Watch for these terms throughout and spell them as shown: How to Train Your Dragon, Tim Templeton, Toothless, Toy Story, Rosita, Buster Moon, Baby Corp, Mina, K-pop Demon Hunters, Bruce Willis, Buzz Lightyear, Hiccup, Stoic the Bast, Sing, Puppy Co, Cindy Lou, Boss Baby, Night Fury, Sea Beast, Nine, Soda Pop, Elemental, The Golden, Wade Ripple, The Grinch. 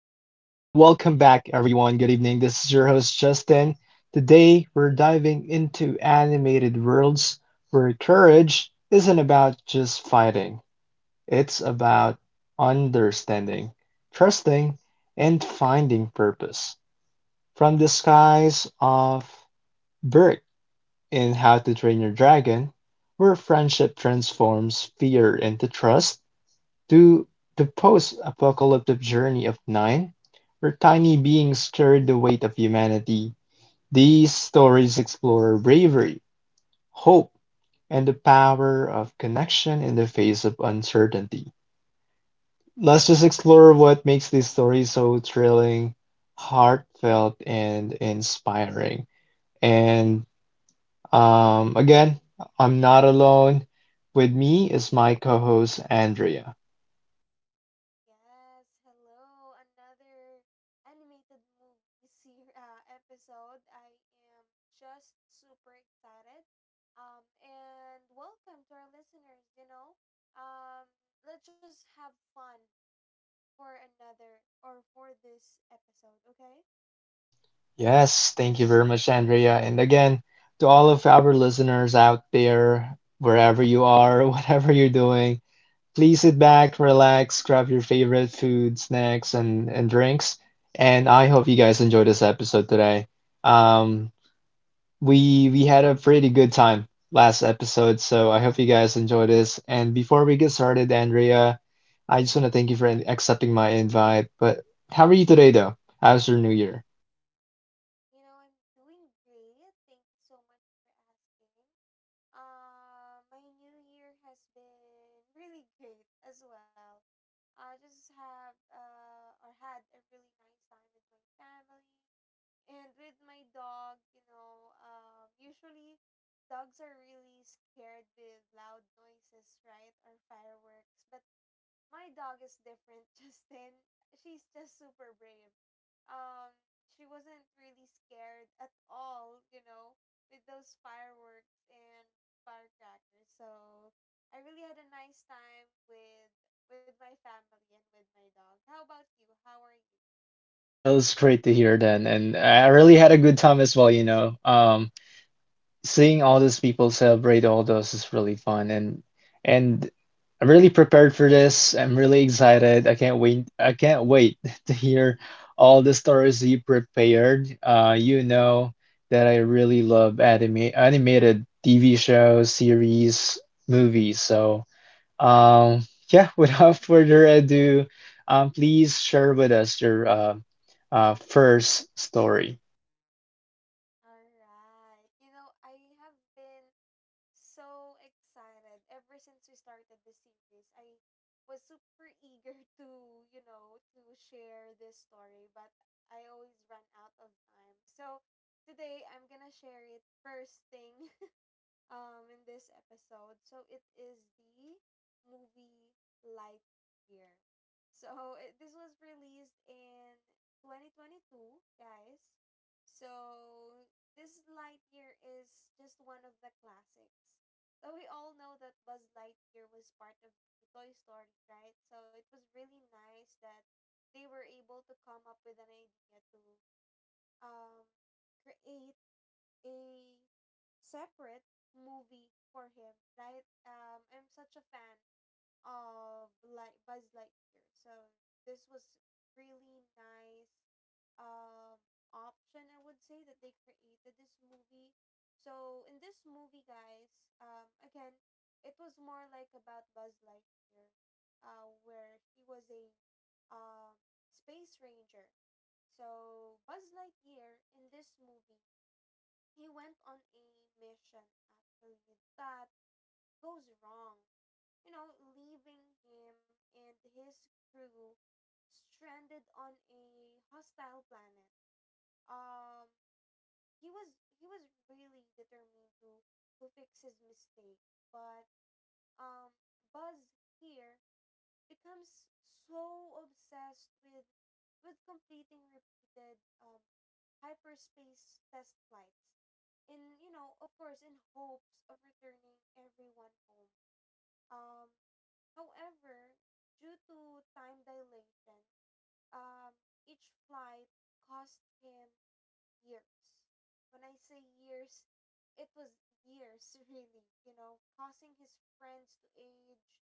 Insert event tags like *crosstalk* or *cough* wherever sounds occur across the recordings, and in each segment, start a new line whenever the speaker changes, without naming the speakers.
welcome back, everyone. Good evening. This is your host, Justin. Today, we're diving into animated worlds where courage isn't about just fighting, it's about understanding, trusting, and finding purpose. From the skies of Berk in How to Train Your Dragon, where friendship transforms fear into trust to the post-apocalyptic journey of Nine, where tiny beings carried the weight of humanity, these stories explore bravery, hope, and the power of connection in the face of uncertainty. Let's just explore what makes these stories so thrilling, heartfelt, and inspiring. And again, I'm not alone. With me is my co host, Andrea.
Yes, hello. Another animated movie ser- *laughs* episode. I am just super excited. And welcome to our listeners. Um, let's just have fun for another or for this episode, okay?
Yes, thank you very much, Andrea. And again, to all of our listeners out there, wherever you are, *laughs* whatever you're doing, please sit back, relax, grab your favorite food, snacks, and drinks. And I hope you guys enjoyed this episode today. Um, we had a pretty good time last episode, so I hope you guys enjoy this. And before we get started, Andrea, I just want to thank you for accepting my invite. But how are you today, though? How's your new year?
You know, I'm doing great. Thank you so much for asking. My new year has been really great as well. I just have or had a really nice time with my family and with my dog. Usually dogs are really scared with loud noises, right, or fireworks. But my dog is different, *laughs* Justin. She's just super brave. Um, she wasn't really scared at all. You know, with those fireworks and firecrackers. So I really had a nice time with my family and with my dog. How about you? How are you?
Well, it's great to hear then, and I really had a good time as well, you know. Seeing all those people celebrate all those is really fun, and I'm really prepared for this. I'm really excited. I can't wait. I can't wait *laughs* to hear all the stories you prepared. You know that I really love anime, animated TV shows, series, movies, so. Yeah, *laughs* without further ado, please share with us your first story.
All right. You know, I have been so excited ever since we started the series. I was super eager *laughs* to, you know, to share this story, but I always run out of time. So today I'm gonna share it first thing in this episode. So it is the movie Lightyear. So it, this was released in 2022, guys. So this Lightyear is just one of the classics. So we all know that Buzz Lightyear was part of the Toy Story, right? So it was really nice that they were able to come up with an idea to um create a separate movie for him, right? I'm such a fan of like Buzz Lightyear, so this was really nice um option. I would say that they created this movie. So in this movie, guys, again, it was more like about Buzz Lightyear, where he was a um space ranger. So Buzz Lightyear in this movie he went on a mission actually that goes wrong, you know, leaving him and his crew stranded on a hostile planet. Um he was he was really determined to fix his mistake, but um, Buzz here becomes so obsessed with completing repeated hyperspace test flights in, you know, of course, in hopes of returning everyone home. Um however due to time dilation, um each flight cost him years. When I say years, it was years, *laughs* really, you know, causing his friends to age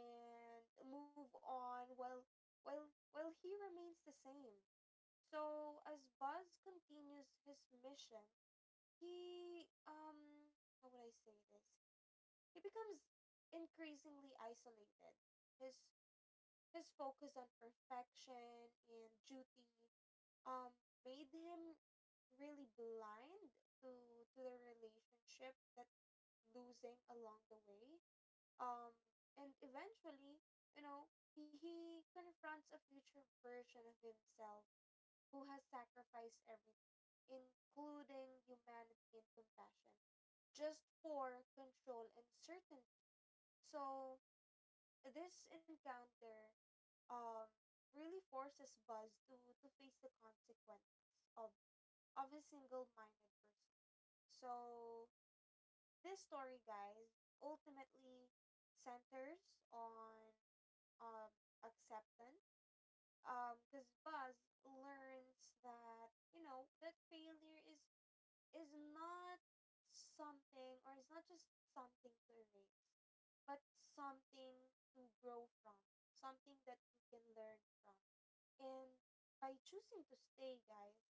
and move on while while he remains the same. So as Buzz continues his mission, he how would I say this? He becomes increasingly isolated. His his focus on perfection and duty um made him really blind to the relationship that he's losing along the way, um and eventually, you know, he confronts a future version of himself who has sacrificed everything, including humanity and compassion, just for control and certainty. So this encounter um really forces Buzz to face the consequences of a single minded person. So, this story, guys, ultimately centers on, um, acceptance. Because Buzz learns that, you know, that failure is not something, or it's not just something to erase, but something to grow from, something that you can learn from. And by choosing to stay, guys,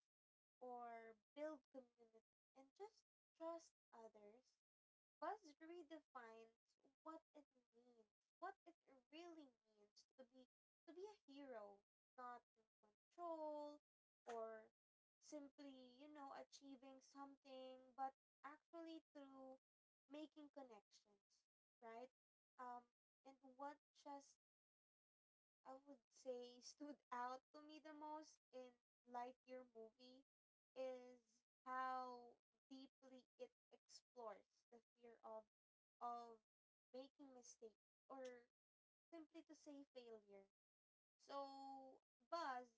or build community and just trust others, Buzz redefines what it means, what it really means to be a hero, not through control or simply, you know, achieving something, but actually through making connections, right? Um, and what just I would say stood out to me the most in Lightyear movie is how deeply it explores the fear of of making mistakes, or simply to say failure. So Buzz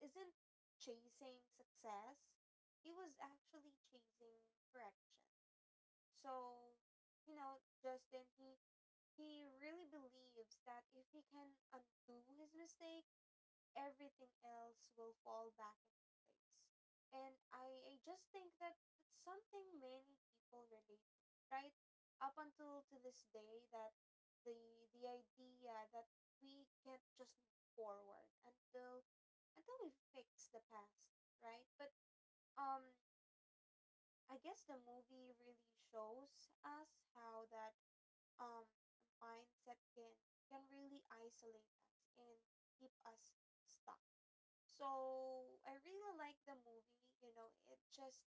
isn't chasing success. He was actually chasing correction. So, you know, Justin, he really believes that if he can undo his mistake, everything else will fall back into place. And I just think that that's something many people relate to, right? Up until to this day that the idea that we can't just move forward until we fix the past, right? But um I guess the movie really shows us how that um mindset can really isolate us and keep us stuck. So I really like the movie, you know, it just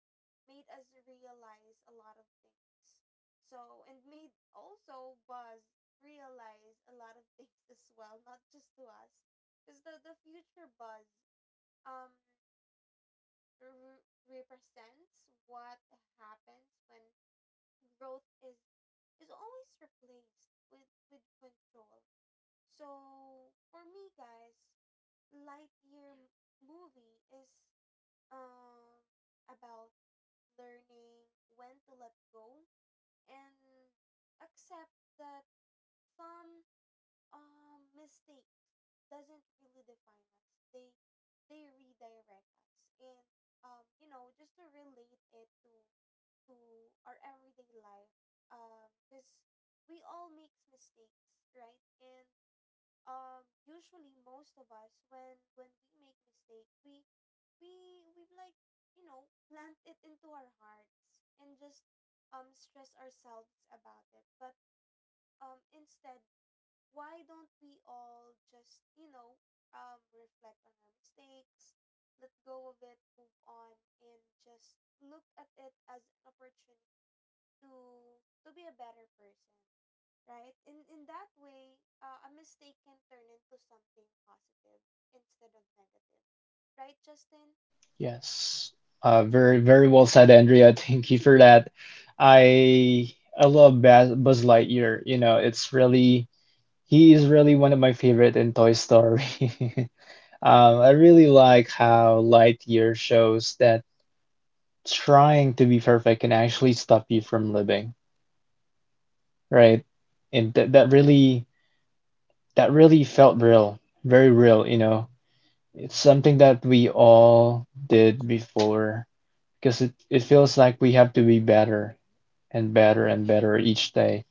made us realize a lot of things. So and made also Buzz realize a lot of *laughs* things as well, not just to us. Because the future Buzz um re- represents what happens when growth is always replaced with control. So for me guys, Lightyear movie is um, about learning when to let go and accept that some, mistakes doesn't really define us. They redirect us, and, you know, just to relate it to our everyday life, because we all makes mistakes, right? And usually most of us when we make mistake, we like, you know, plant it into our hearts and just stress ourselves about it, but instead, why don't we all just, you know, reflect on our mistakes, let go of it, move on, and just look at it as an opportunity to be a better person, right? In that way, a mistake can turn into something positive instead of negative, right, Justin?
Yes, very well said, Andrea. *laughs* Thank you for that. I I love Buzz Lightyear. You know, it's really he is really one of my favorite in Toy Story. *laughs* I really like how Lightyear shows that trying to be perfect can actually stop you from living, right? And that really that really felt real, very real, you know. It's something that we all did before because it feels like we have to be better and better and better each day.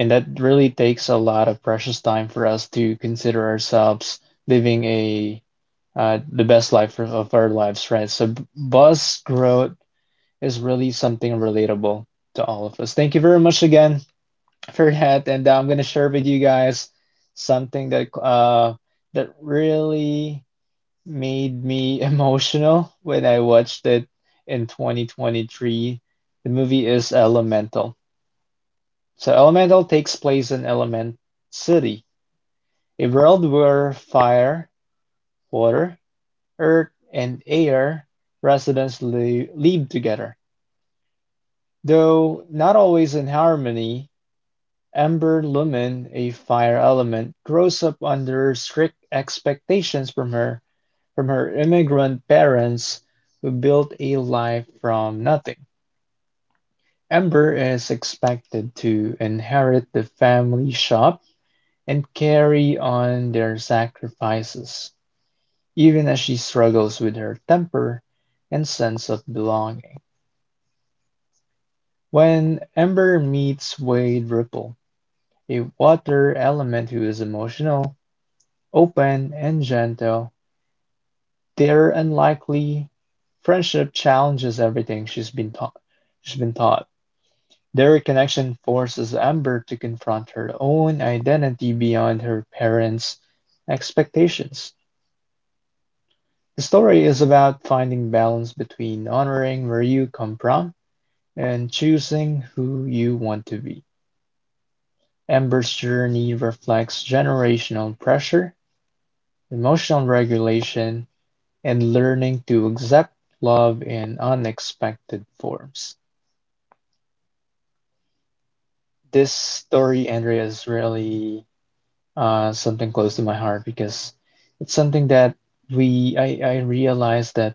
And that really takes a lot of precious time for us to consider ourselves living a the best life of our lives, right? So buzz growth is really something relatable to all of us. Thank you very much again for that, and I'm gonna share with you guys something that really made me *laughs* emotional when I watched it in 2023. The movie is Elemental. So Elemental takes place in Element City, a world where fire, water, earth, and air residents live together, though not always in harmony. Ember Lumen, a fire element, grows up under strict expectations from her immigrant parents who built a life from nothing. Ember is expected to inherit the family shop and carry on their sacrifices, even as she struggles with her temper and sense of belonging. When Ember meets Wade Ripple, a water element who is emotional, open and gentle. They're unlikely. Friendship challenges everything she's been taught. Their connection forces Amber to confront her own identity beyond her parents' expectations. The story is about finding balance between honoring where you come from and choosing who you want to be. Amber's journey reflects generational pressure, emotional regulation, and learning to accept love in unexpected forms. This story, Andrea, is really something close to my heart because it's something that I realized that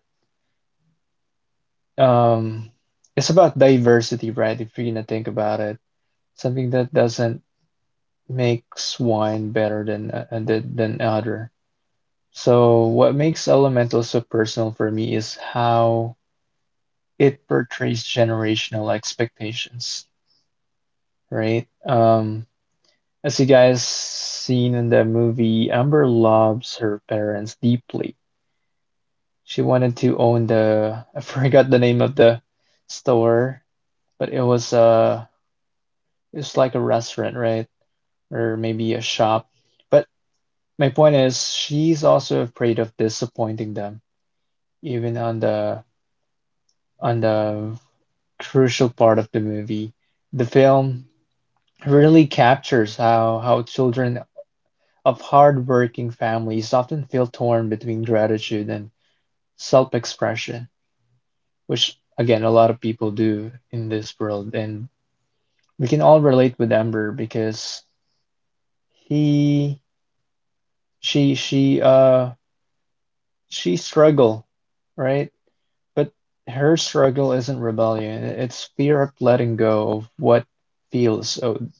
um, it's about diversity, right? If you're gonna think about it, something that doesn't makes one better than than other. So what makes Elemental so personal for me is how it portrays generational expectations, right? As you guys seen in the movie, Amber loves her parents deeply. She wanted to own the, *laughs* I forgot the name of the store, but it's like a restaurant, right? Or maybe a shop. But my point is, she's also afraid of disappointing them, even on the crucial part of the movie. The film really captures how children of hard-working families often feel torn between gratitude and self-expression, which again a lot of people do in this world, and we can all relate with Ember because he, she, she, uh, she struggle, right? But her struggle isn't rebellion; it's fear of letting go of what feels owed.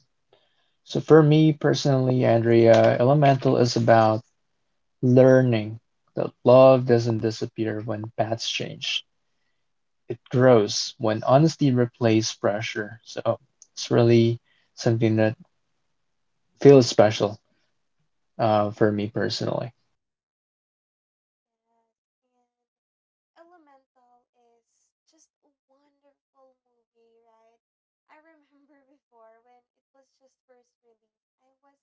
So for me personally, Andrea, Elemental is about learning that love doesn't disappear when paths change. It grows when honesty replaces pressure. So it's really something that feels special for me personally.
Yes, Elemental is just a wonderful movie, right? I remember *laughs* before when it was just first released, I was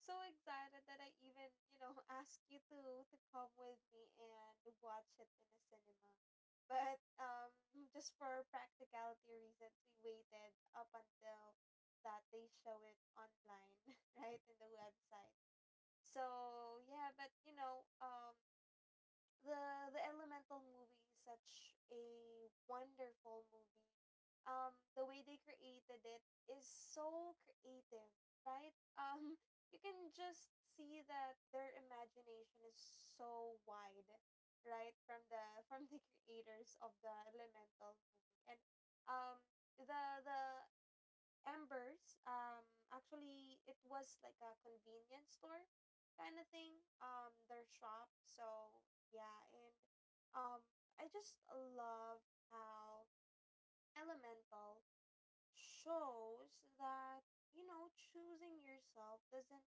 so excited that I even, you know, *laughs* asked you to come with me and watch it in the cinema. But just for practicality reasons, we waited up until that they show it online, *laughs* right, in the website. So, yeah, but you know, the Elemental movie is such a wonderful movie. The way they created it is so creative, right? *laughs* You can just see that their imagination is so wide, right? From the creators of the Elemental movie, and um the Embers, actually, it was like a convenience store kind of thing, their shop. So, yeah, and, um, I just love how Elemental shows that, you know, choosing yourself doesn't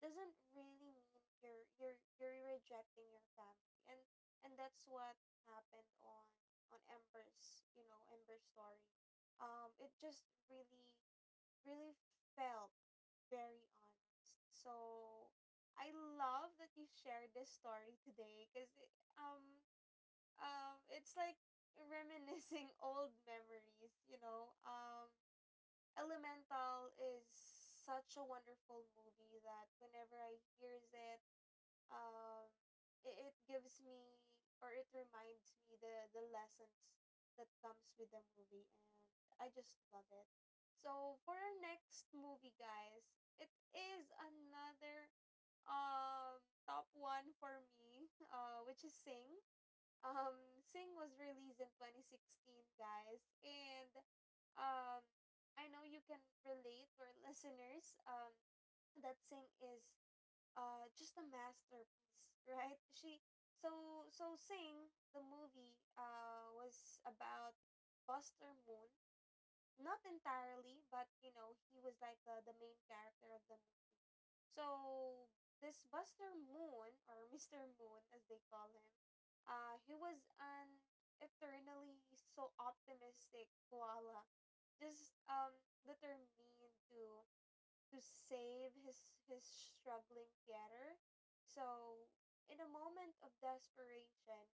doesn't really mean you're rejecting your family. And that's what happened on Ember's, you know, Ember's story. It just really felt very honest. So I love that you shared this story today because um it's like reminiscing *laughs* old memories, you know. Elemental is such a wonderful movie that whenever I hears it um it, it gives me or it reminds me the lessons that comes with the movie, and I just love it. So for our next movie guys, it is another top one for me, *laughs* which is Sing. Sing was released in 2016 guys, and um I know you can relate or *laughs* listeners that Sing is just a masterpiece, right? She So sing the movie was about buster moon, not entirely, but you know he was like the main character of the movie. So this buster moon or *laughs* mr moon, as they call him, he was an eternally so optimistic koala, just determined to save his struggling Pierre. So, in a moment of desperation,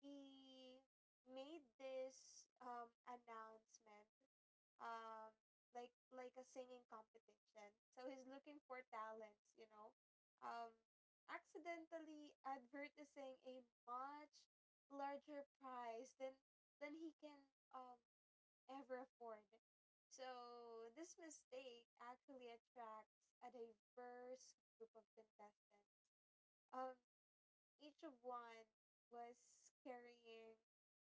he made this announcement, um like a singing competition, so he's looking for talents, you know, um accidentally advertising a much larger prize than he can um ever afford. So this mistake actually attracts a diverse group of contestants, um each of one was carrying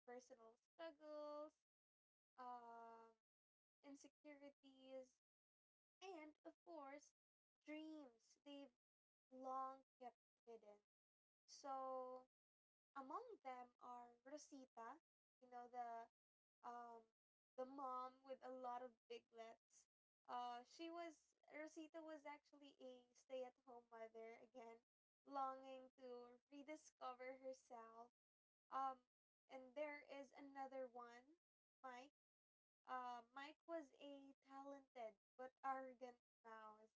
personal struggles, um, insecurities, and of course, dreams they've long kept hidden. So among them are Rosita, you know, um the mom with a lot of biglets. She was Rosita was actually a stay-at-home mother, again, longing to rediscover herself, um, and there is another one, Mike. Mike was a talented but arrogant mouse.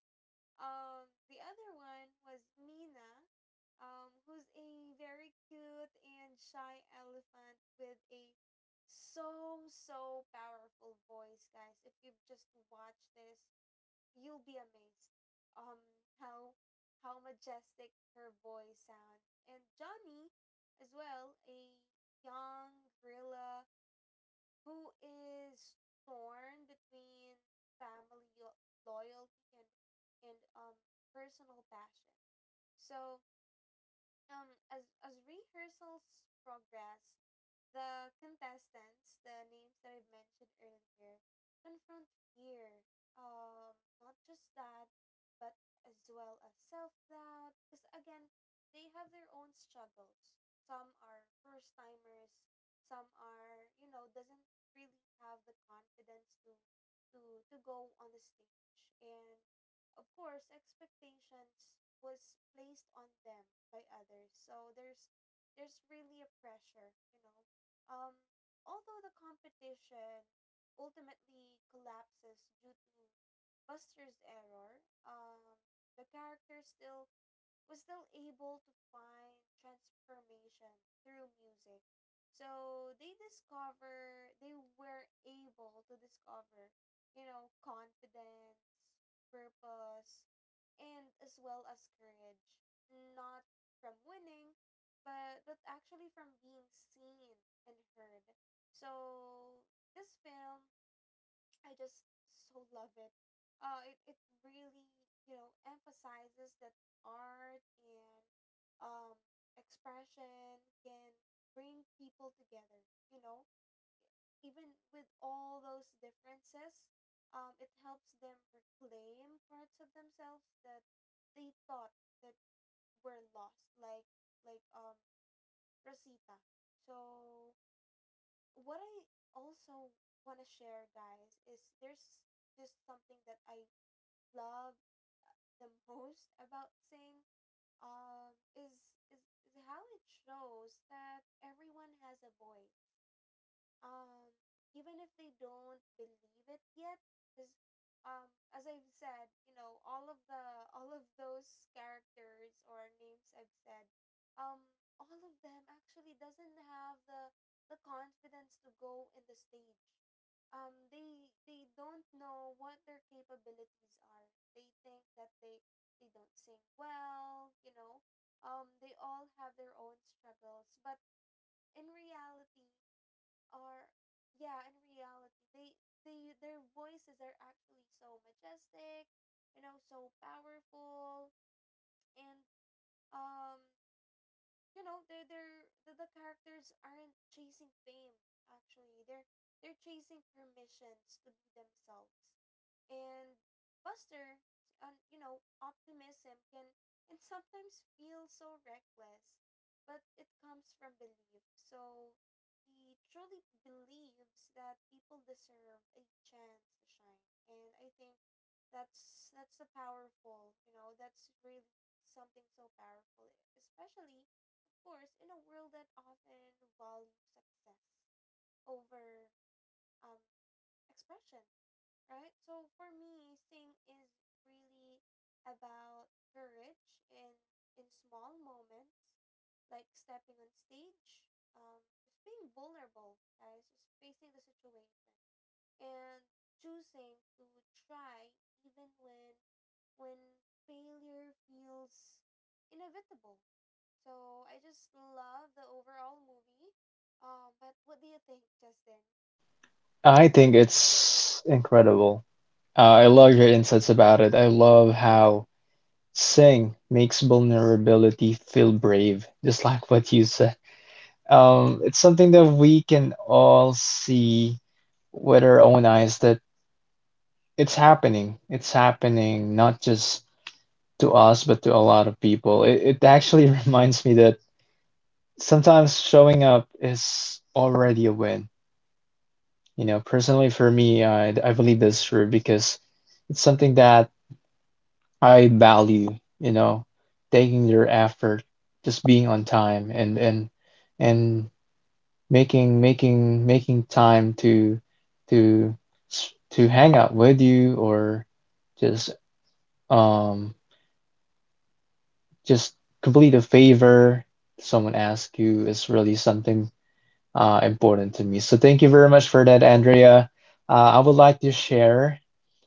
The other one was Mina, who's a very cute and shy elephant with a so powerful voice, guys. If you've just watched this, you'll be amazed um how majestic her voice sounds. And Johnny as well, a young gorilla who is torn between family yo- loyalty and and um personal passion. So, as rehearsals progress, the contestants, the names that I mentioned earlier, confront fear. Not just that, but as well as self doubt. Because again, they have their own struggles. Some are first timers. Some are, you know, doesn't really have the confidence to to go on the stage, and of course, expectations was placed on them by others. So there's really a pressure, you know. Um, although the competition ultimately collapses due to Buster's error, um, the character still was still able to find transformation through music. So they were able to discover, you know, confidence, purpose, and as well as courage, not from winning, but actually from being seen and heard. So this film I just so love it. It really, emphasizes that art and um, expression can bring people together, you know, even with all those differences. It helps them reclaim parts of themselves that they thought that were lost, like like Rosita. So what I also want to share, guys, is there's just something that I love the *laughs* most about Sing um is is is how it shows that everyone has a voice, um, even if they don't believe it yet. Because as I've said, you know, all of those characters or names I've said, um, all of them actually doesn't have the confidence to go in the stage. They don't know what their capabilities are. They think that they don't sing well, they all have their own struggles, but in reality are yeah in reality, they, their voices are actually so majestic, you know, so powerful. And um you know the characters aren't chasing fame. Actually, they're chasing permissions to be themselves. And buster and you know, optimism can sometimes feel so reckless, but it comes from belief. So he truly believes that people deserve a chance to shine, and I think that's a powerful, you know, that's really something so powerful, especially course, in a world that often values success over um, expression, right? So for me, Sing is really about courage in small moments, like stepping on stage, just being vulnerable, guys, just facing the situation, and choosing to try even when failure feels inevitable. So I just love the overall movie. But what do you think, Justin?
I think it's incredible. I love your insights about it. I love how Sing makes vulnerability feel brave, just like what you said. It's something that we can all see with our own eyes that it's happening. It's happening not just to us, but to a lot of people. It actually *laughs* reminds me that sometimes showing up is already a win. You know, personally for me, I believe that's true because it's something that I value, you know, taking your effort, just being on time and and making making time to to hang out with you or just um just complete a favor someone asks you is really something important to me. So thank you very much for that, Andrea. I would like to share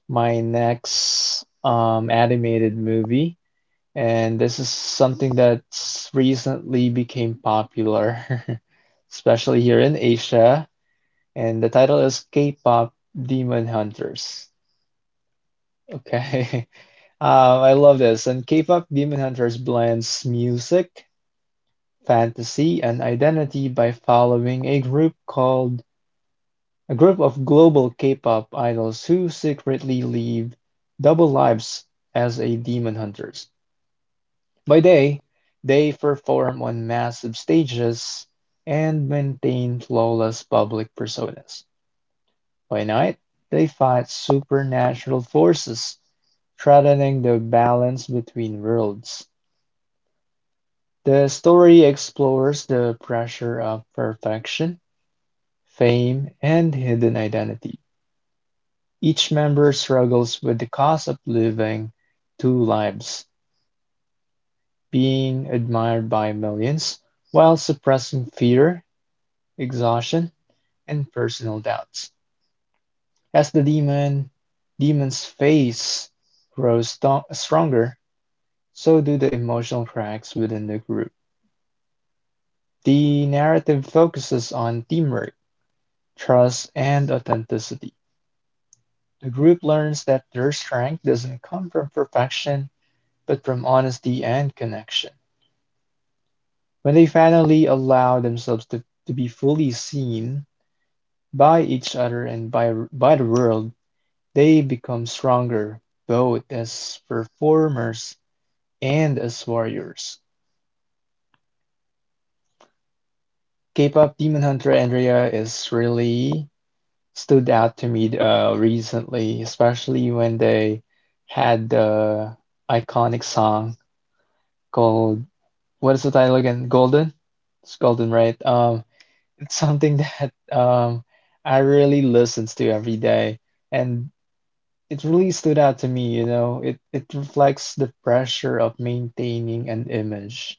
my next animated movie, and this is something that's recently became popular, *laughs* especially here in Asia. And the title is K-pop Demon Hunters. Okay, *laughs* I love this. And K-pop Demon Hunters blends music fantasy, and identity by following a group of global K-pop idols who secretly live double lives as a demon hunters. By day, they perform on massive stages and maintain flawless public personas. By night, they fight supernatural forces threatening the balance between worlds. The story explores the pressure of perfection fame, and hidden identity. Each member struggles with the cost of living two lives, being admired by millions while suppressing fear, exhaustion, and personal doubts. As the demon's face grows stronger, so do the emotional cracks within the group. The narrative focuses on teamwork, trust, and authenticity. The group learns that their strength doesn't come from perfection but from honesty and connection. When they finally allow themselves to be fully seen by each other and by the world, they become stronger, both as performers and as warriors. K-pop Demon Hunter Andrea is really stood out to me recently, especially when they had the iconic song called what is the title again? Golden? It's Golden, right? It's something *laughs* that um, I really listens to every day, and it really stood out to me, you know. It reflects the pressure of maintaining an image.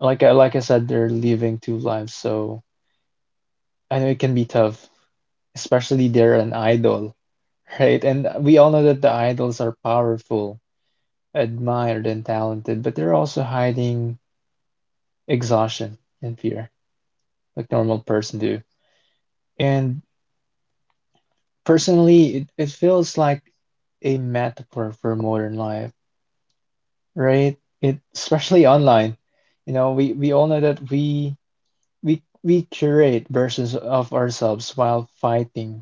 Like I said, they're living two lives, so I know it can be tough, especially they're an idol, *laughs* right? And we all know that the idols are powerful, admired, and talented, but they're also hiding exhaustion and fear, like normal person do. And personally, it feels like a metaphor for modern life, right? It especially online. You know, we all know that we curate versions of ourselves while fighting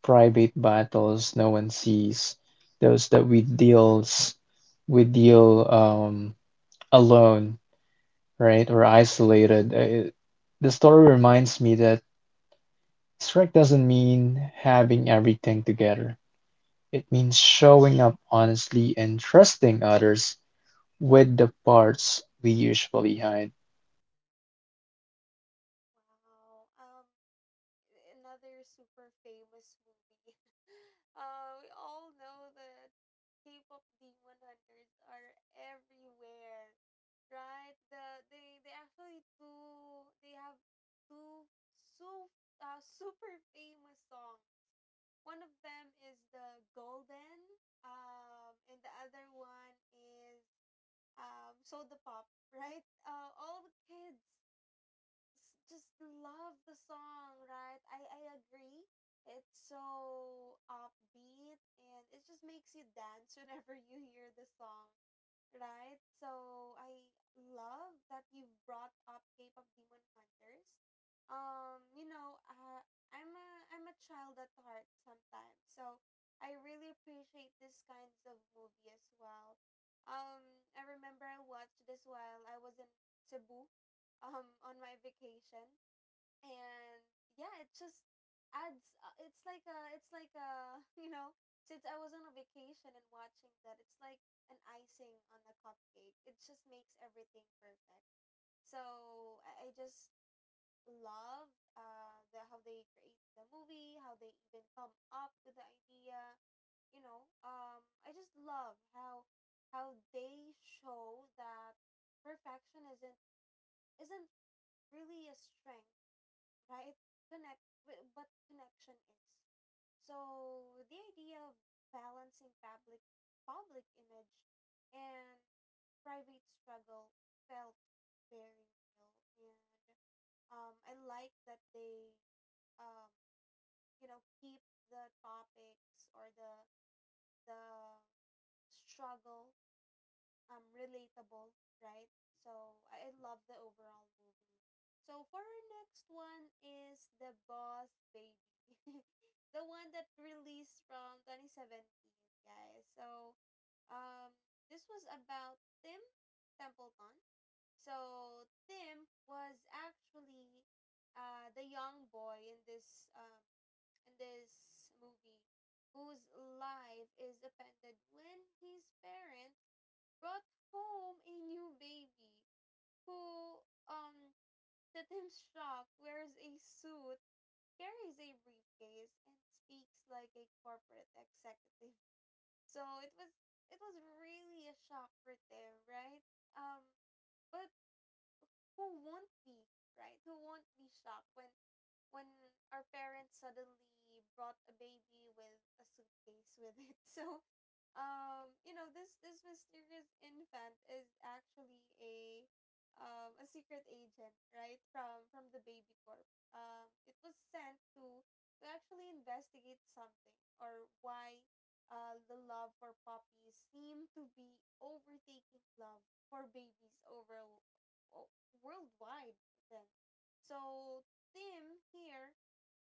private battles no one sees, those that we deal alone, right? Or isolated. The story reminds me that strength doesn't mean having everything together. It means showing up honestly and trusting others with the parts we usually hide.
Wow. Another super famous movie. *laughs* We all know that K-pop Demon Hunters are everywhere, right? They have two, so super famous songs. One of them is the Golden, and the other one is Soda Pop, right? All the kids just love the song, right? I agree. It's so upbeat and it just makes you dance *laughs* whenever you hear the song, right? So I love that you've brought up K-pop Demon Hunters. Um, you know, uh, I'm a child at heart sometimes, so I really appreciate these kinds of movie as well. I remember I watched this while I was in Cebu on my vacation, and yeah, it just adds it's like a, it's like a *laughs* you know, since I was on a vacation and watching that, it's like an icing on the cupcake. It just makes everything perfect. I just love the how they created the movie, how they even come up with the idea, you know. I just love how they show that perfection isn't really a strength, right? But connection is. So the idea of balancing public image and private struggle felt very real, and I like that they, um, keep the topics or the struggle relatable, right? So I love the overall movie. So for our next one is The Boss Baby. *laughs* The one that released from 2017, guys. So um this was about Tim Templeton. So Tim was actually the young boy in this movie, whose life is appended when his parents brought home a new baby who, um to Tim's shock, wears a suit, carries a briefcase, and speaks like a corporate executive. So it was really a shock for Tim, right? Um but who won't be, right, who won't be shocked when when our parents suddenly brought a baby with a suitcase with it? *laughs* So you know, this mysterious infant is actually a secret agent, right, from the baby corp. It was sent to actually investigate something, or why the love for puppies seem to be overtaking love for babies over o- worldwide. Then so Tim here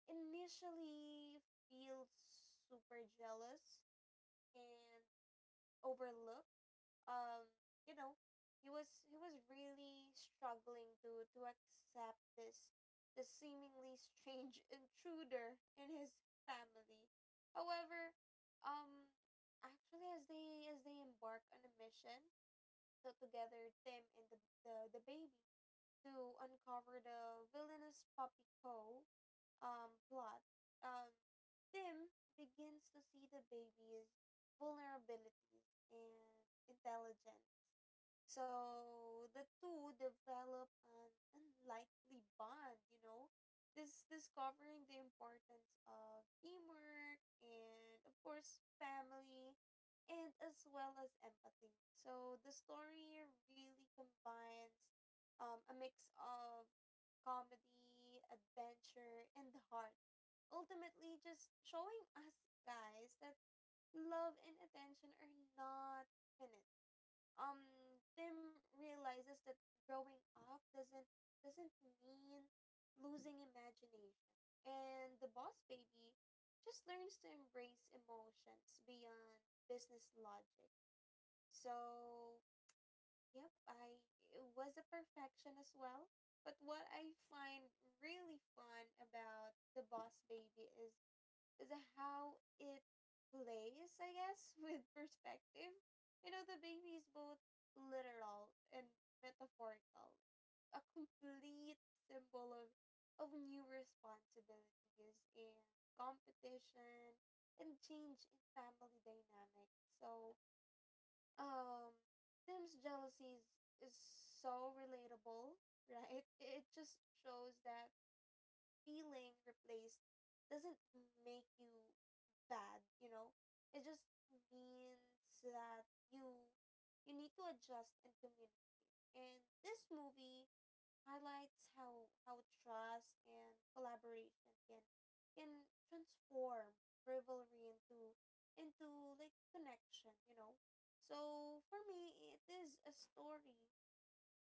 initially feels super jealous and overlook. Um, you know, he was really struggling to accept this seemingly strange *laughs* intruder in his family. However, um, actually, as they embark on a mission, so together Tim and the baby to uncover the villainous puppy Co plot, um, Tim begins to see the baby's vulnerabilities and intelligence. So the two develop an unlikely bond, you know, this discovering the importance of teamwork and of course family and as well as empathy. So the story really combines a mix of comedy, adventure, and heart, ultimately just showing us guys that love and attention are not finite. Um, Tim realizes that growing up doesn't mean losing imagination, and the boss baby just learns to embrace emotions beyond business logic. So yep, I was a perfection as well. But what I find really fun about the Boss Baby is how it plays, I guess, *laughs* with perspective. You know, the baby is both literal and metaphorical, a complete symbol of new responsibilities and competition and change in family dynamics. So um Tim's jealousy is so relatable, right? *laughs* It just shows that feeling replaced doesn't make you bad, you know? It just means that you need to adjust and communicate. And this movie highlights how trust and collaboration can transform rivalry into connection, you know. So for me, it is a story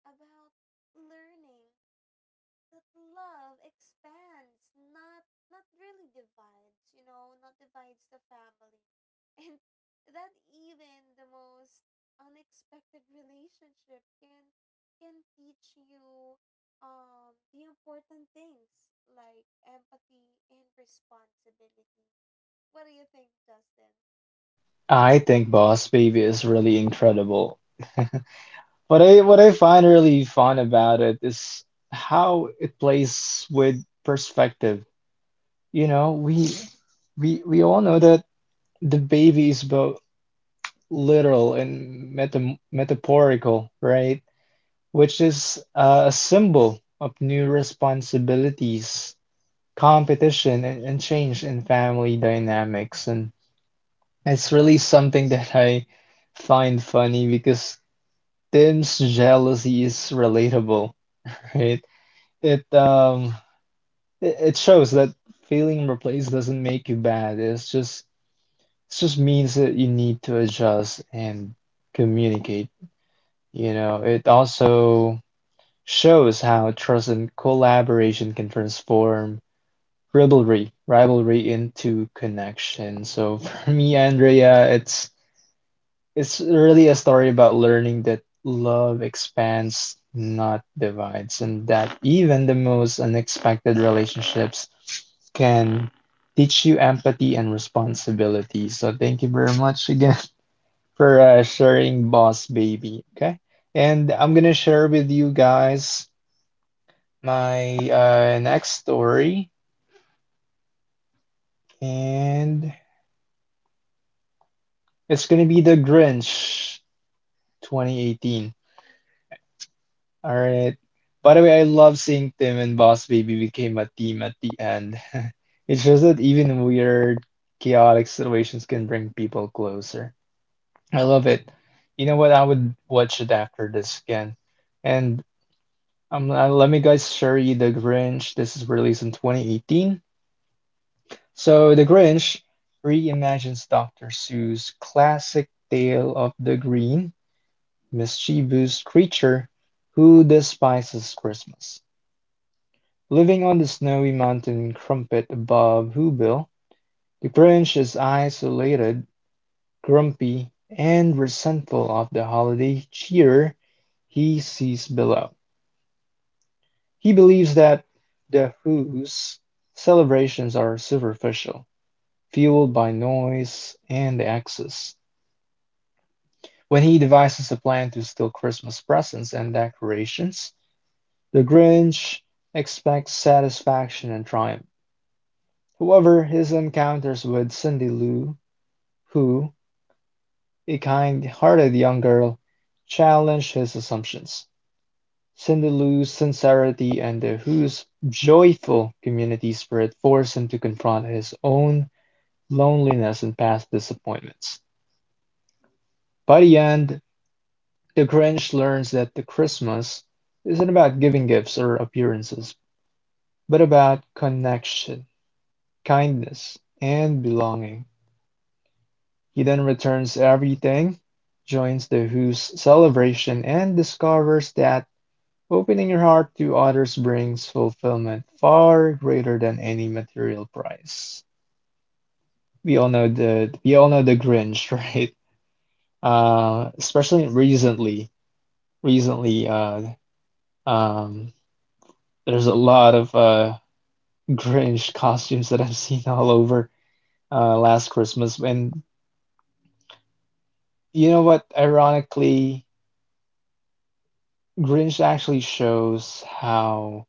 about learning that love expands, not not really divides, you know, not divides the family. *laughs* And that even the most unexpected relationship can teach you the important things like empathy and responsibility. What do you think, Justin?
I think Boss Baby is really incredible. *laughs* What I find really fun about it is how it plays with perspective. You know, we all know that the baby is both literal and metaphorical, right? Which is a symbol of new responsibilities competition and change in family dynamics. And it's really something that I find funny because Tim's jealousy is relatable, right? It um it shows that feeling replaced doesn't make you bad. It just means that you need to adjust and communicate. You know, it also shows how trust and collaboration can transform rivalry into connection. So *laughs* for me, Andrea, it's really a story about learning that love expands, not divides, and that even the most unexpected relationships can teach you empathy and responsibility. So thank you very much again *laughs* for sharing Boss Baby. Okay. And I'm gonna share with you guys my next story. And it's gonna be the Grinch 2018. Alright. By the way, I love seeing Tim and Boss Baby became a team at the end. *laughs* It shows that even weird, chaotic situations can bring people closer. I love it. You know what? I would watch it after this again. And Let me guys share you The Grinch. This is released in 2018. So, The Grinch reimagines Dr. Seuss' classic tale of the green mischievous creature who despises Christmas. Living on the snowy mountain crumpet above Whoville, the Grinch is isolated, grumpy, and resentful of the holiday cheer he sees below. He believes that the Who's celebrations are superficial, fueled by noise and excess. When he devises a plan to steal Christmas presents and decorations, The Grinch expects satisfaction and triumph. However, his encounters with Cindy Lou who, a kind-hearted young girl, challenge his assumptions. Cindy Lou's sincerity and the Who's joyful community spirit force him to confront his own loneliness and past disappointments. By the end, the Grinch learns that the Christmas isn't about giving gifts or appearances, but about connection, kindness, and belonging. He then returns everything, joins the Who's celebration, and discovers that opening your heart to others brings fulfillment far greater than any material prize. We all know the Grinch, *laughs* right? Especially recently, recently, uh, um, there's a lot of Grinch *laughs* costumes that I've seen all over, last Christmas, and you know what? Ironically, Grinch actually shows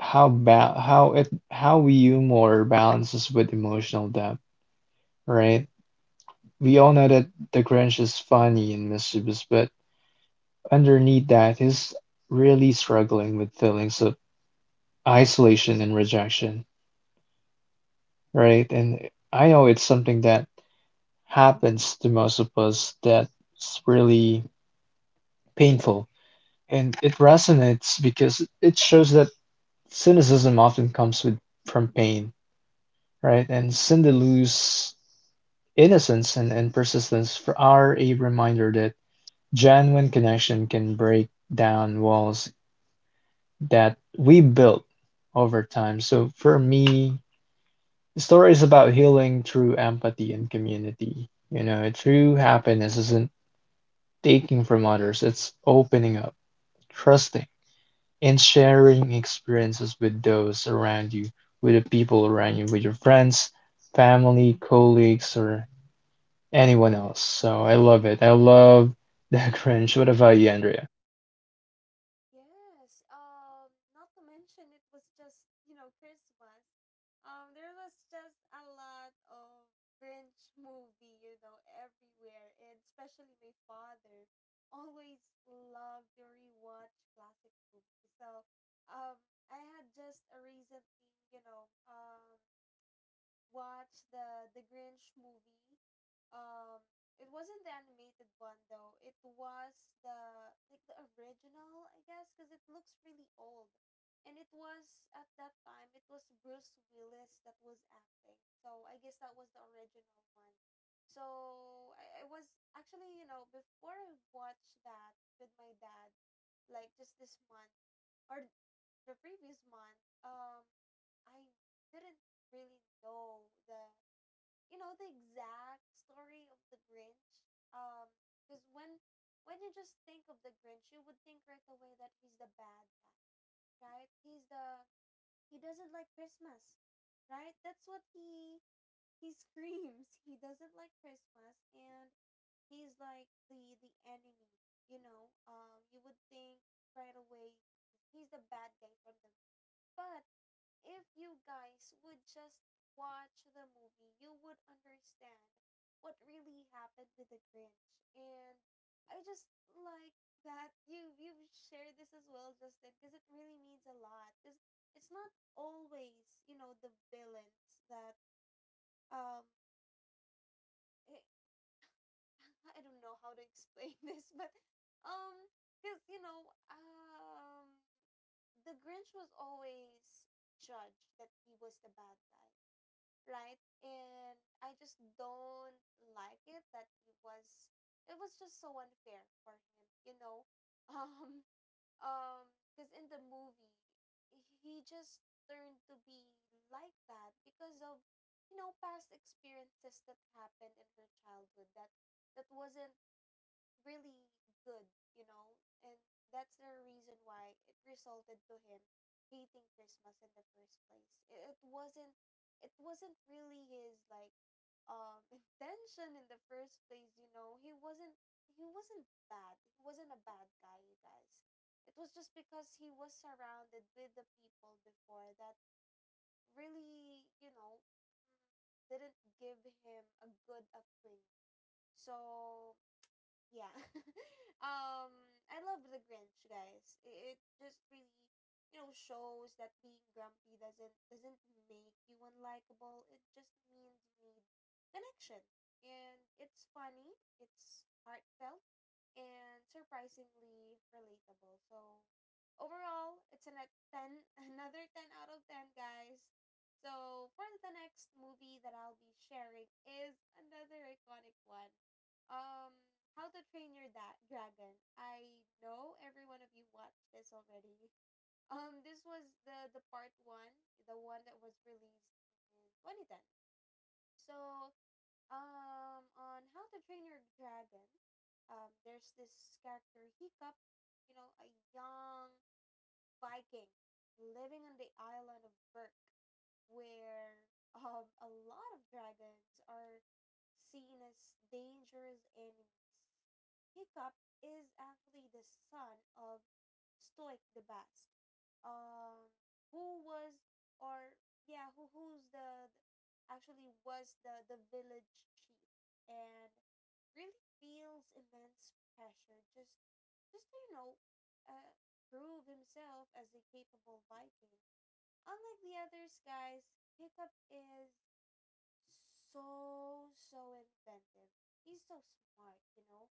how ba how it how humor balances with emotional depth, right? We all know that the Grinch is funny and mischievous, but underneath that, he's really struggling with feelings of isolation and rejection, right? And I know it's something that happens to most of us that's really painful, and it resonates because it shows that cynicism often comes with from pain, right? And Cindy Lou's innocence and persistence for, are a reminder that genuine connection can break down walls that we built over time. So for me, the story is about healing through empathy and community. True happiness isn't taking from others, it's opening up, trusting, and sharing experiences with those around you, with the people around you, with your friends, family, colleagues, or anyone else. So I love it. I love *laughs* the cringe. What about you, Andrea?
Yes, not to mention it was just, you know, Christmas. There was just a lot of Grinch movie, you know, everywhere, and especially my father always loved to rewatch classic movies. So, um, I had just a recently, watch the Grinch movie. Um, it wasn't the animated one though. It was the like the original, I guess, because it looks really old. And it was at that time it was Bruce Willis that was acting. So I guess that was the original one. So I was actually, you know, before I watched that with my dad, like just this month or the previous month, I didn't really know the, you know, the exact story of the Grinch. Um, because when you just think of the Grinch, you would think right away that he's the bad guy, right? He's the, he doesn't like Christmas, right? That's what he *laughs* screams. He doesn't like Christmas, and he's like the enemy. You know, you would think right away he's the bad guy from the movie. But if you guys would just watch the movie, you would understand what really happened with the Grinch. And I just like that you've shared this as well, Justin, because it really means a lot. Because it's not always, you know, the villains that um it. *laughs* I don't know how to explain *laughs* this, but um, because, you know, the Grinch was always judged that he was the bad guy, right? And I just don't like it that it was just so unfair for him, you know. *laughs* Um because in the movie, he just learned to be like that because of, you know, past experiences that happened in her childhood, that wasn't really good, you know, and that's the reason why it resulted to him hating Christmas in the first place. It wasn't, really his like *laughs* intention in the first place, you know. He wasn't, bad. He wasn't a bad guy, you guys. It was just because he was surrounded with the people before that really, you know, mm, didn't give him a good upbringing. So yeah *laughs* um I love the Grinch, guys. It just really, you know, shows that being grumpy doesn't make you unlikable. It just means you need connection. And it's funny, it's heartfelt, and surprisingly relatable. So overall, a 10, *laughs* another 10 out of 10, guys. So for the next movie that I'll be sharing is another iconic one. Um, How to Train Your da- Dragon. I know every one of you watched this already. *laughs* This was the part one, the one that was released in 2010. So, on How to Train Your Dragon, there's this character Hiccup. You know, a young Viking living on the island of Berk, where a lot of dragons are seen as dangerous enemies. Hiccup is actually the son of Stoic the Bast, um, who was or yeah, who's the actually was the village chief, and really feels immense pressure just to, you know, uh, prove himself as a capable Viking. Unlike the others, guys, Hiccup is so inventive. He's so smart, you know?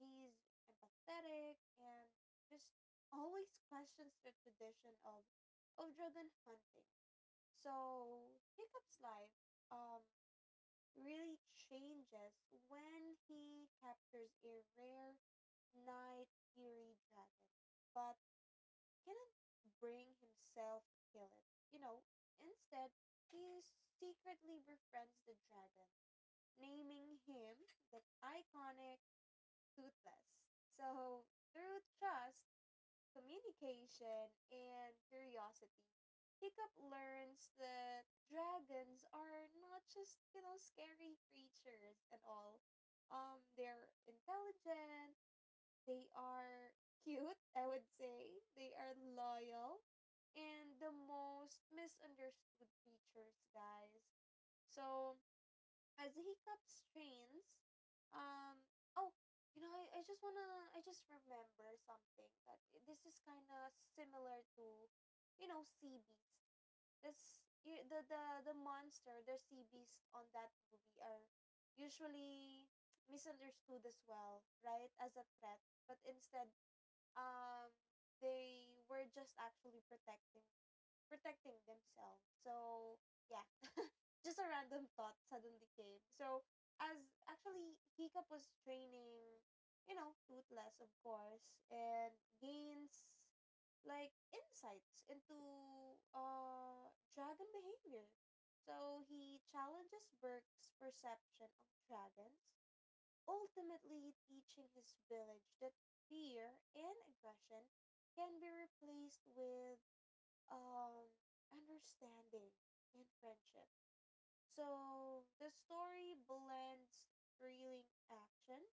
He's empathetic and just always questions the tradition of dragon hunting. So, Hiccup's life um, really changes when he captures a rare Night Fury dragon. But cannot bring himself to kill it. You know, instead, he secretly befriends the dragon, naming him the iconic Toothless. So, through trust, communication, and curiosity, Hiccup learns that dragons are not just, you know, scary creatures and all. They're intelligent, they are cute, *laughs* I would say. They are loyal and the most misunderstood creatures, guys. So, as Hiccups trains, um, oh, you know, I just remember something this is kind of similar to, you know, Sea Beast. The monster, the Sea Beast on that movie are usually misunderstood as well, right? As a threat, but instead um they were just actually protecting themselves. So yeah, *laughs* just a random thought suddenly came. So as actually Hiccup was training, you know, Toothless of course, and gains like insights into dragon behavior. So he challenges Burke's perception of dragons, ultimately teaching his village that fear and aggression can be replaced with um, understanding and friendship. So the story blends thrilling action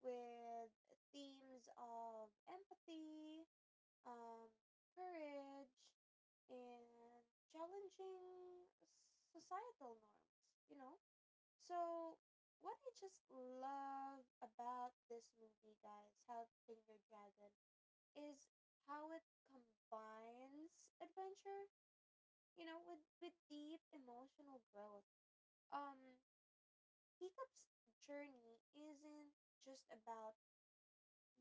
with themes of empathy, um, courage, and challenging societal norms, you know? So, what I just love about this movie, guys, How to Train Your Dragon, is how it combines adventure, you know, with deep emotional growth. Um, Hiccup's journey isn't just about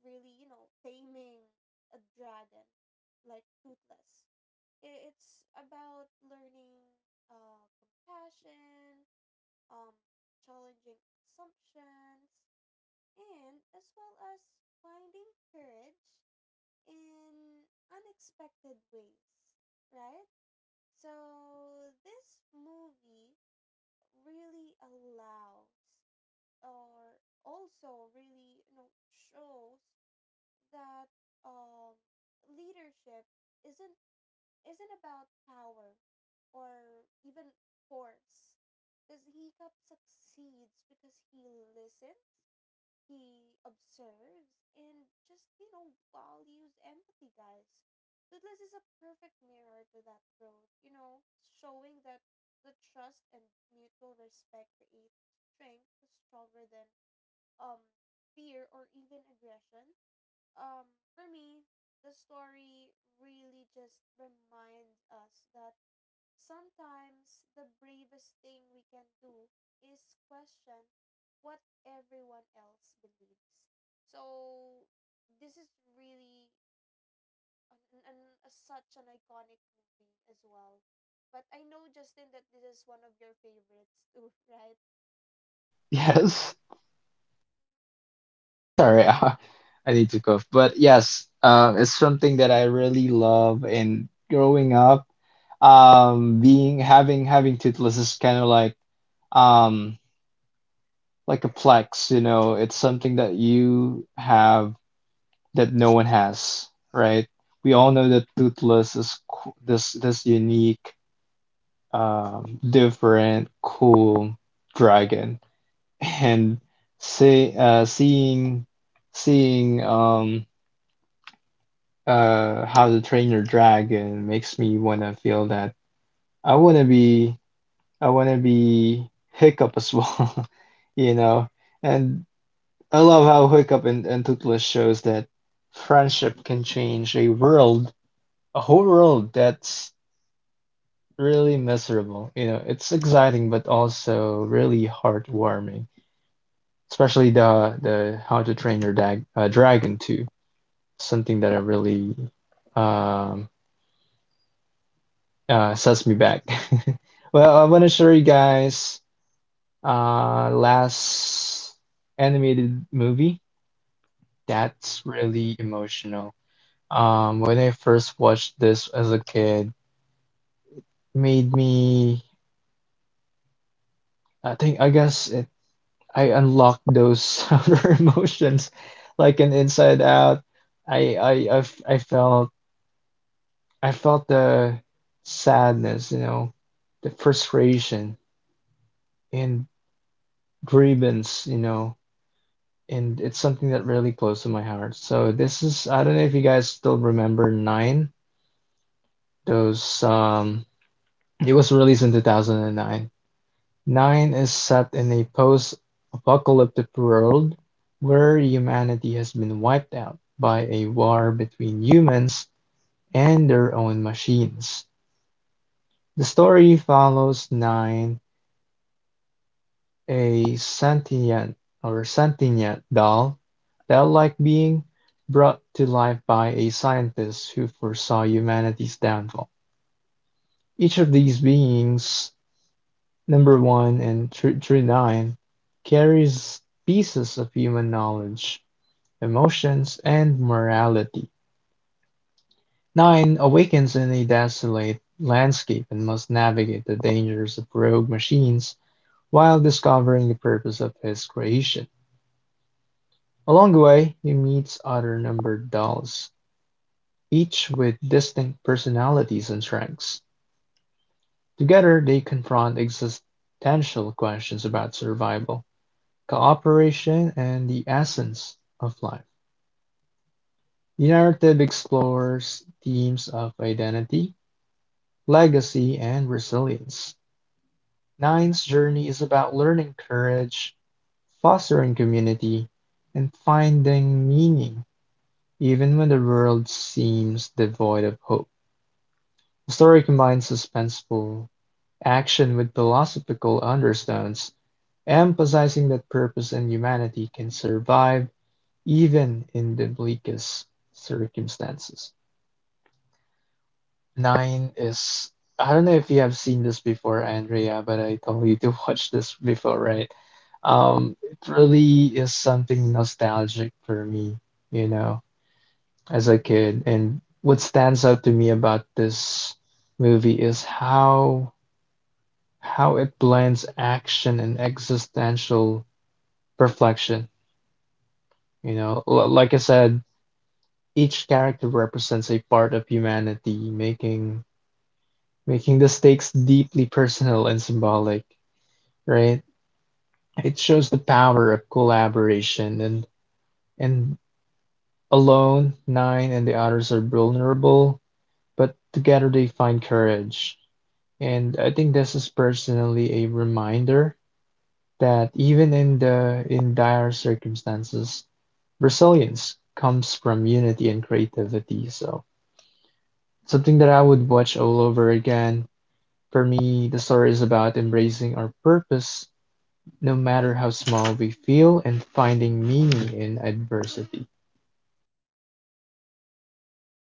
really, you know, taming a dragon like Toothless. It's about learning compassion, um, challenging assumptions, and as well as finding courage in unexpected ways, right? So this movie really allows, or also really, you know, shows that um leadership isn't isn't about power or even force, because he cup succeeds because he listens, he observes, and just, you know, values empathy, guys. Toothless is a perfect mirror to that growth, you know, showing that the trust and mutual respect create strength stronger than um fear or even aggression. For me, the story really just reminds us that sometimes the bravest thing we can do is question what everyone else believes. So this is really an, an, a, such an iconic movie as well. But I know Justin that this is one of your favorites too, *laughs* right?
Yes. Sorry, *laughs* I need to cough. But yes, it's something that I really love in growing up. Being having having toothless is kind of um like a flex, you know, it's something that you have that no one has, right? We all know that toothless is this unique, different, cool dragon. And see uh, seeing seeing how to train your dragon makes me want to feel that I want to be I want to be Hiccup as well, *laughs* you know. And I love how Hiccup and Toothless shows that friendship can change a world, a whole world that's really miserable. You know, it's exciting but also really heartwarming, especially the How to Train Your Dag Dragon 2, something that I really um, sets me back. *laughs* Well, I want to show you guys last animated movie that's really emotional. When I first watched this as a kid, made me, I think, I guess it, I unlocked those *laughs* outer emotions like an inside out. I I I, f- I felt I felt the sadness, you know, the frustration and grievance, you know, and it's something that really close to my heart. So this is, I don't know if you guys still remember Nine. Those, it was released in 2009. Nine is set in a post-apocalyptic world where humanity has been wiped out by a war between humans and their own machines. The story follows Nine, a sentient, or sentient doll, that like being brought to life by a scientist who foresaw humanity's downfall. Each of these beings, number one through nine, carries pieces of human knowledge, emotions, and morality. Nine awakens in a desolate landscape and must navigate the dangers of rogue machines while discovering the purpose of his creation. Along the way, he meets other numbered dolls, each with distinct personalities and strengths. Together, they confront existential questions about survival, cooperation, and the essence of life. The narrative explores themes of identity, legacy, and resilience. Nine's journey is about learning courage, fostering community, and finding meaning, even when the world seems devoid of hope. The story combines suspenseful action with philosophical undertones, emphasizing that purpose and humanity can survive even in the bleakest circumstances. Nine is, I don't know if you have seen this before, Andrea, but I told you to *laughs* watch this before, right? It really is something nostalgic for me, you know, as a kid. And what stands out to me about this movie is how it blends action and existential reflection. You know, like I said, each character represents a part of humanity, making the stakes deeply personal and symbolic, right? It shows the power of collaboration. And alone, Nine and the others are vulnerable, but together they find courage. And I think this is personally a reminder that even in the in dire circumstances, resilience comes from unity and creativity. So something that I would watch all over again. For me, the story is about embracing our purpose, no matter how small we feel, and finding meaning in adversity.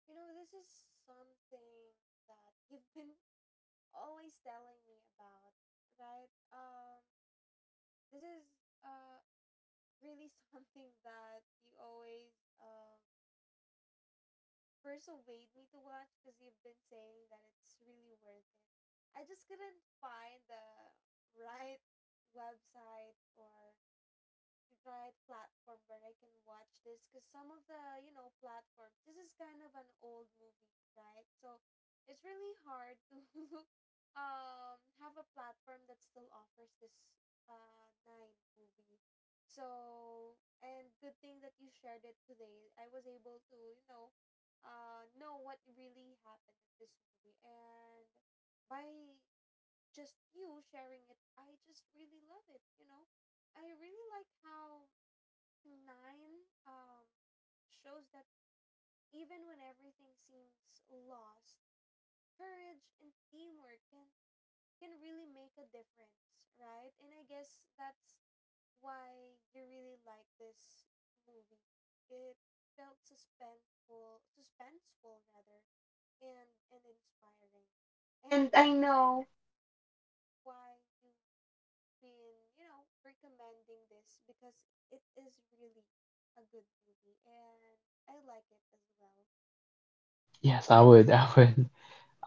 You know, this is something that you've been *laughs* always telling me about, right? This is uh really *laughs* something that you always um persuade me to watch because you've been saying that it's really worth it. I just couldn't find the right website or right platform where I can watch this, because some of the, you know, platforms, this is kind of an old movie, right? So it's really hard to *laughs* have a platform that still offers this Nine movie. So, and good thing that you shared it today, I was able to, you know, know what really happened in this movie. And by just you sharing it, I just really love it, you know. I really like how 9 um, shows that even when everything seems lost, courage and teamwork can really make a difference, right? And I guess that's why you really like this movie. It felt suspenseful, suspenseful rather, and inspiring. And
And
I
I
know
know.
why you in, you know, recommending this, because it is really a good movie and I like it as well.
Yes, I would. *laughs* I would.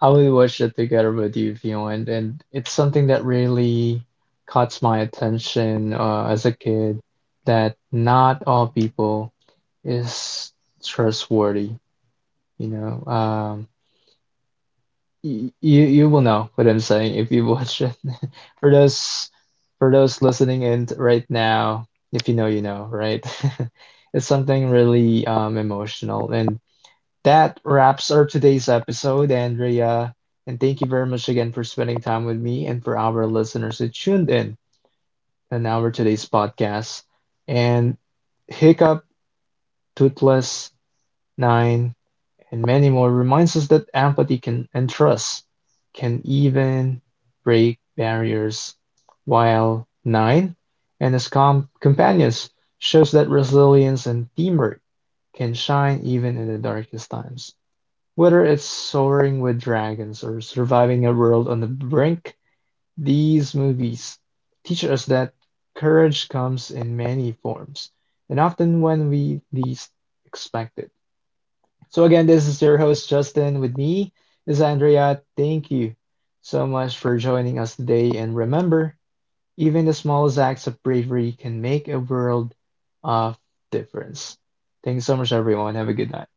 I would watch it together with you if you want. And it's something that really caught my attention, as a kid, that not all people is trustworthy. You know, um, you you will know what I'm saying if you watch it. *laughs* For those for those listening in right now, if you know, you know, right? *laughs* It's something really emotional, and that wraps our today's episode, Andrea. And thank you very much again for spending time with me and for our listeners who tuned in on our today's podcast. And Hiccup, Toothless, Nine, and many more reminds us that empathy can and trust can even break barriers. While nine and his companions shows that resilience and teamwork can shine even in the darkest times. Whether it's soaring with dragons or surviving a world on the brink, these movies teach us that courage comes in many forms, and often when we least expect it. So, again, this is your host, Justin, with me is Andrea. Thank you so much for joining us today. And remember, even the smallest acts of bravery can make a world of difference. Thanks so much, everyone. Have a good night.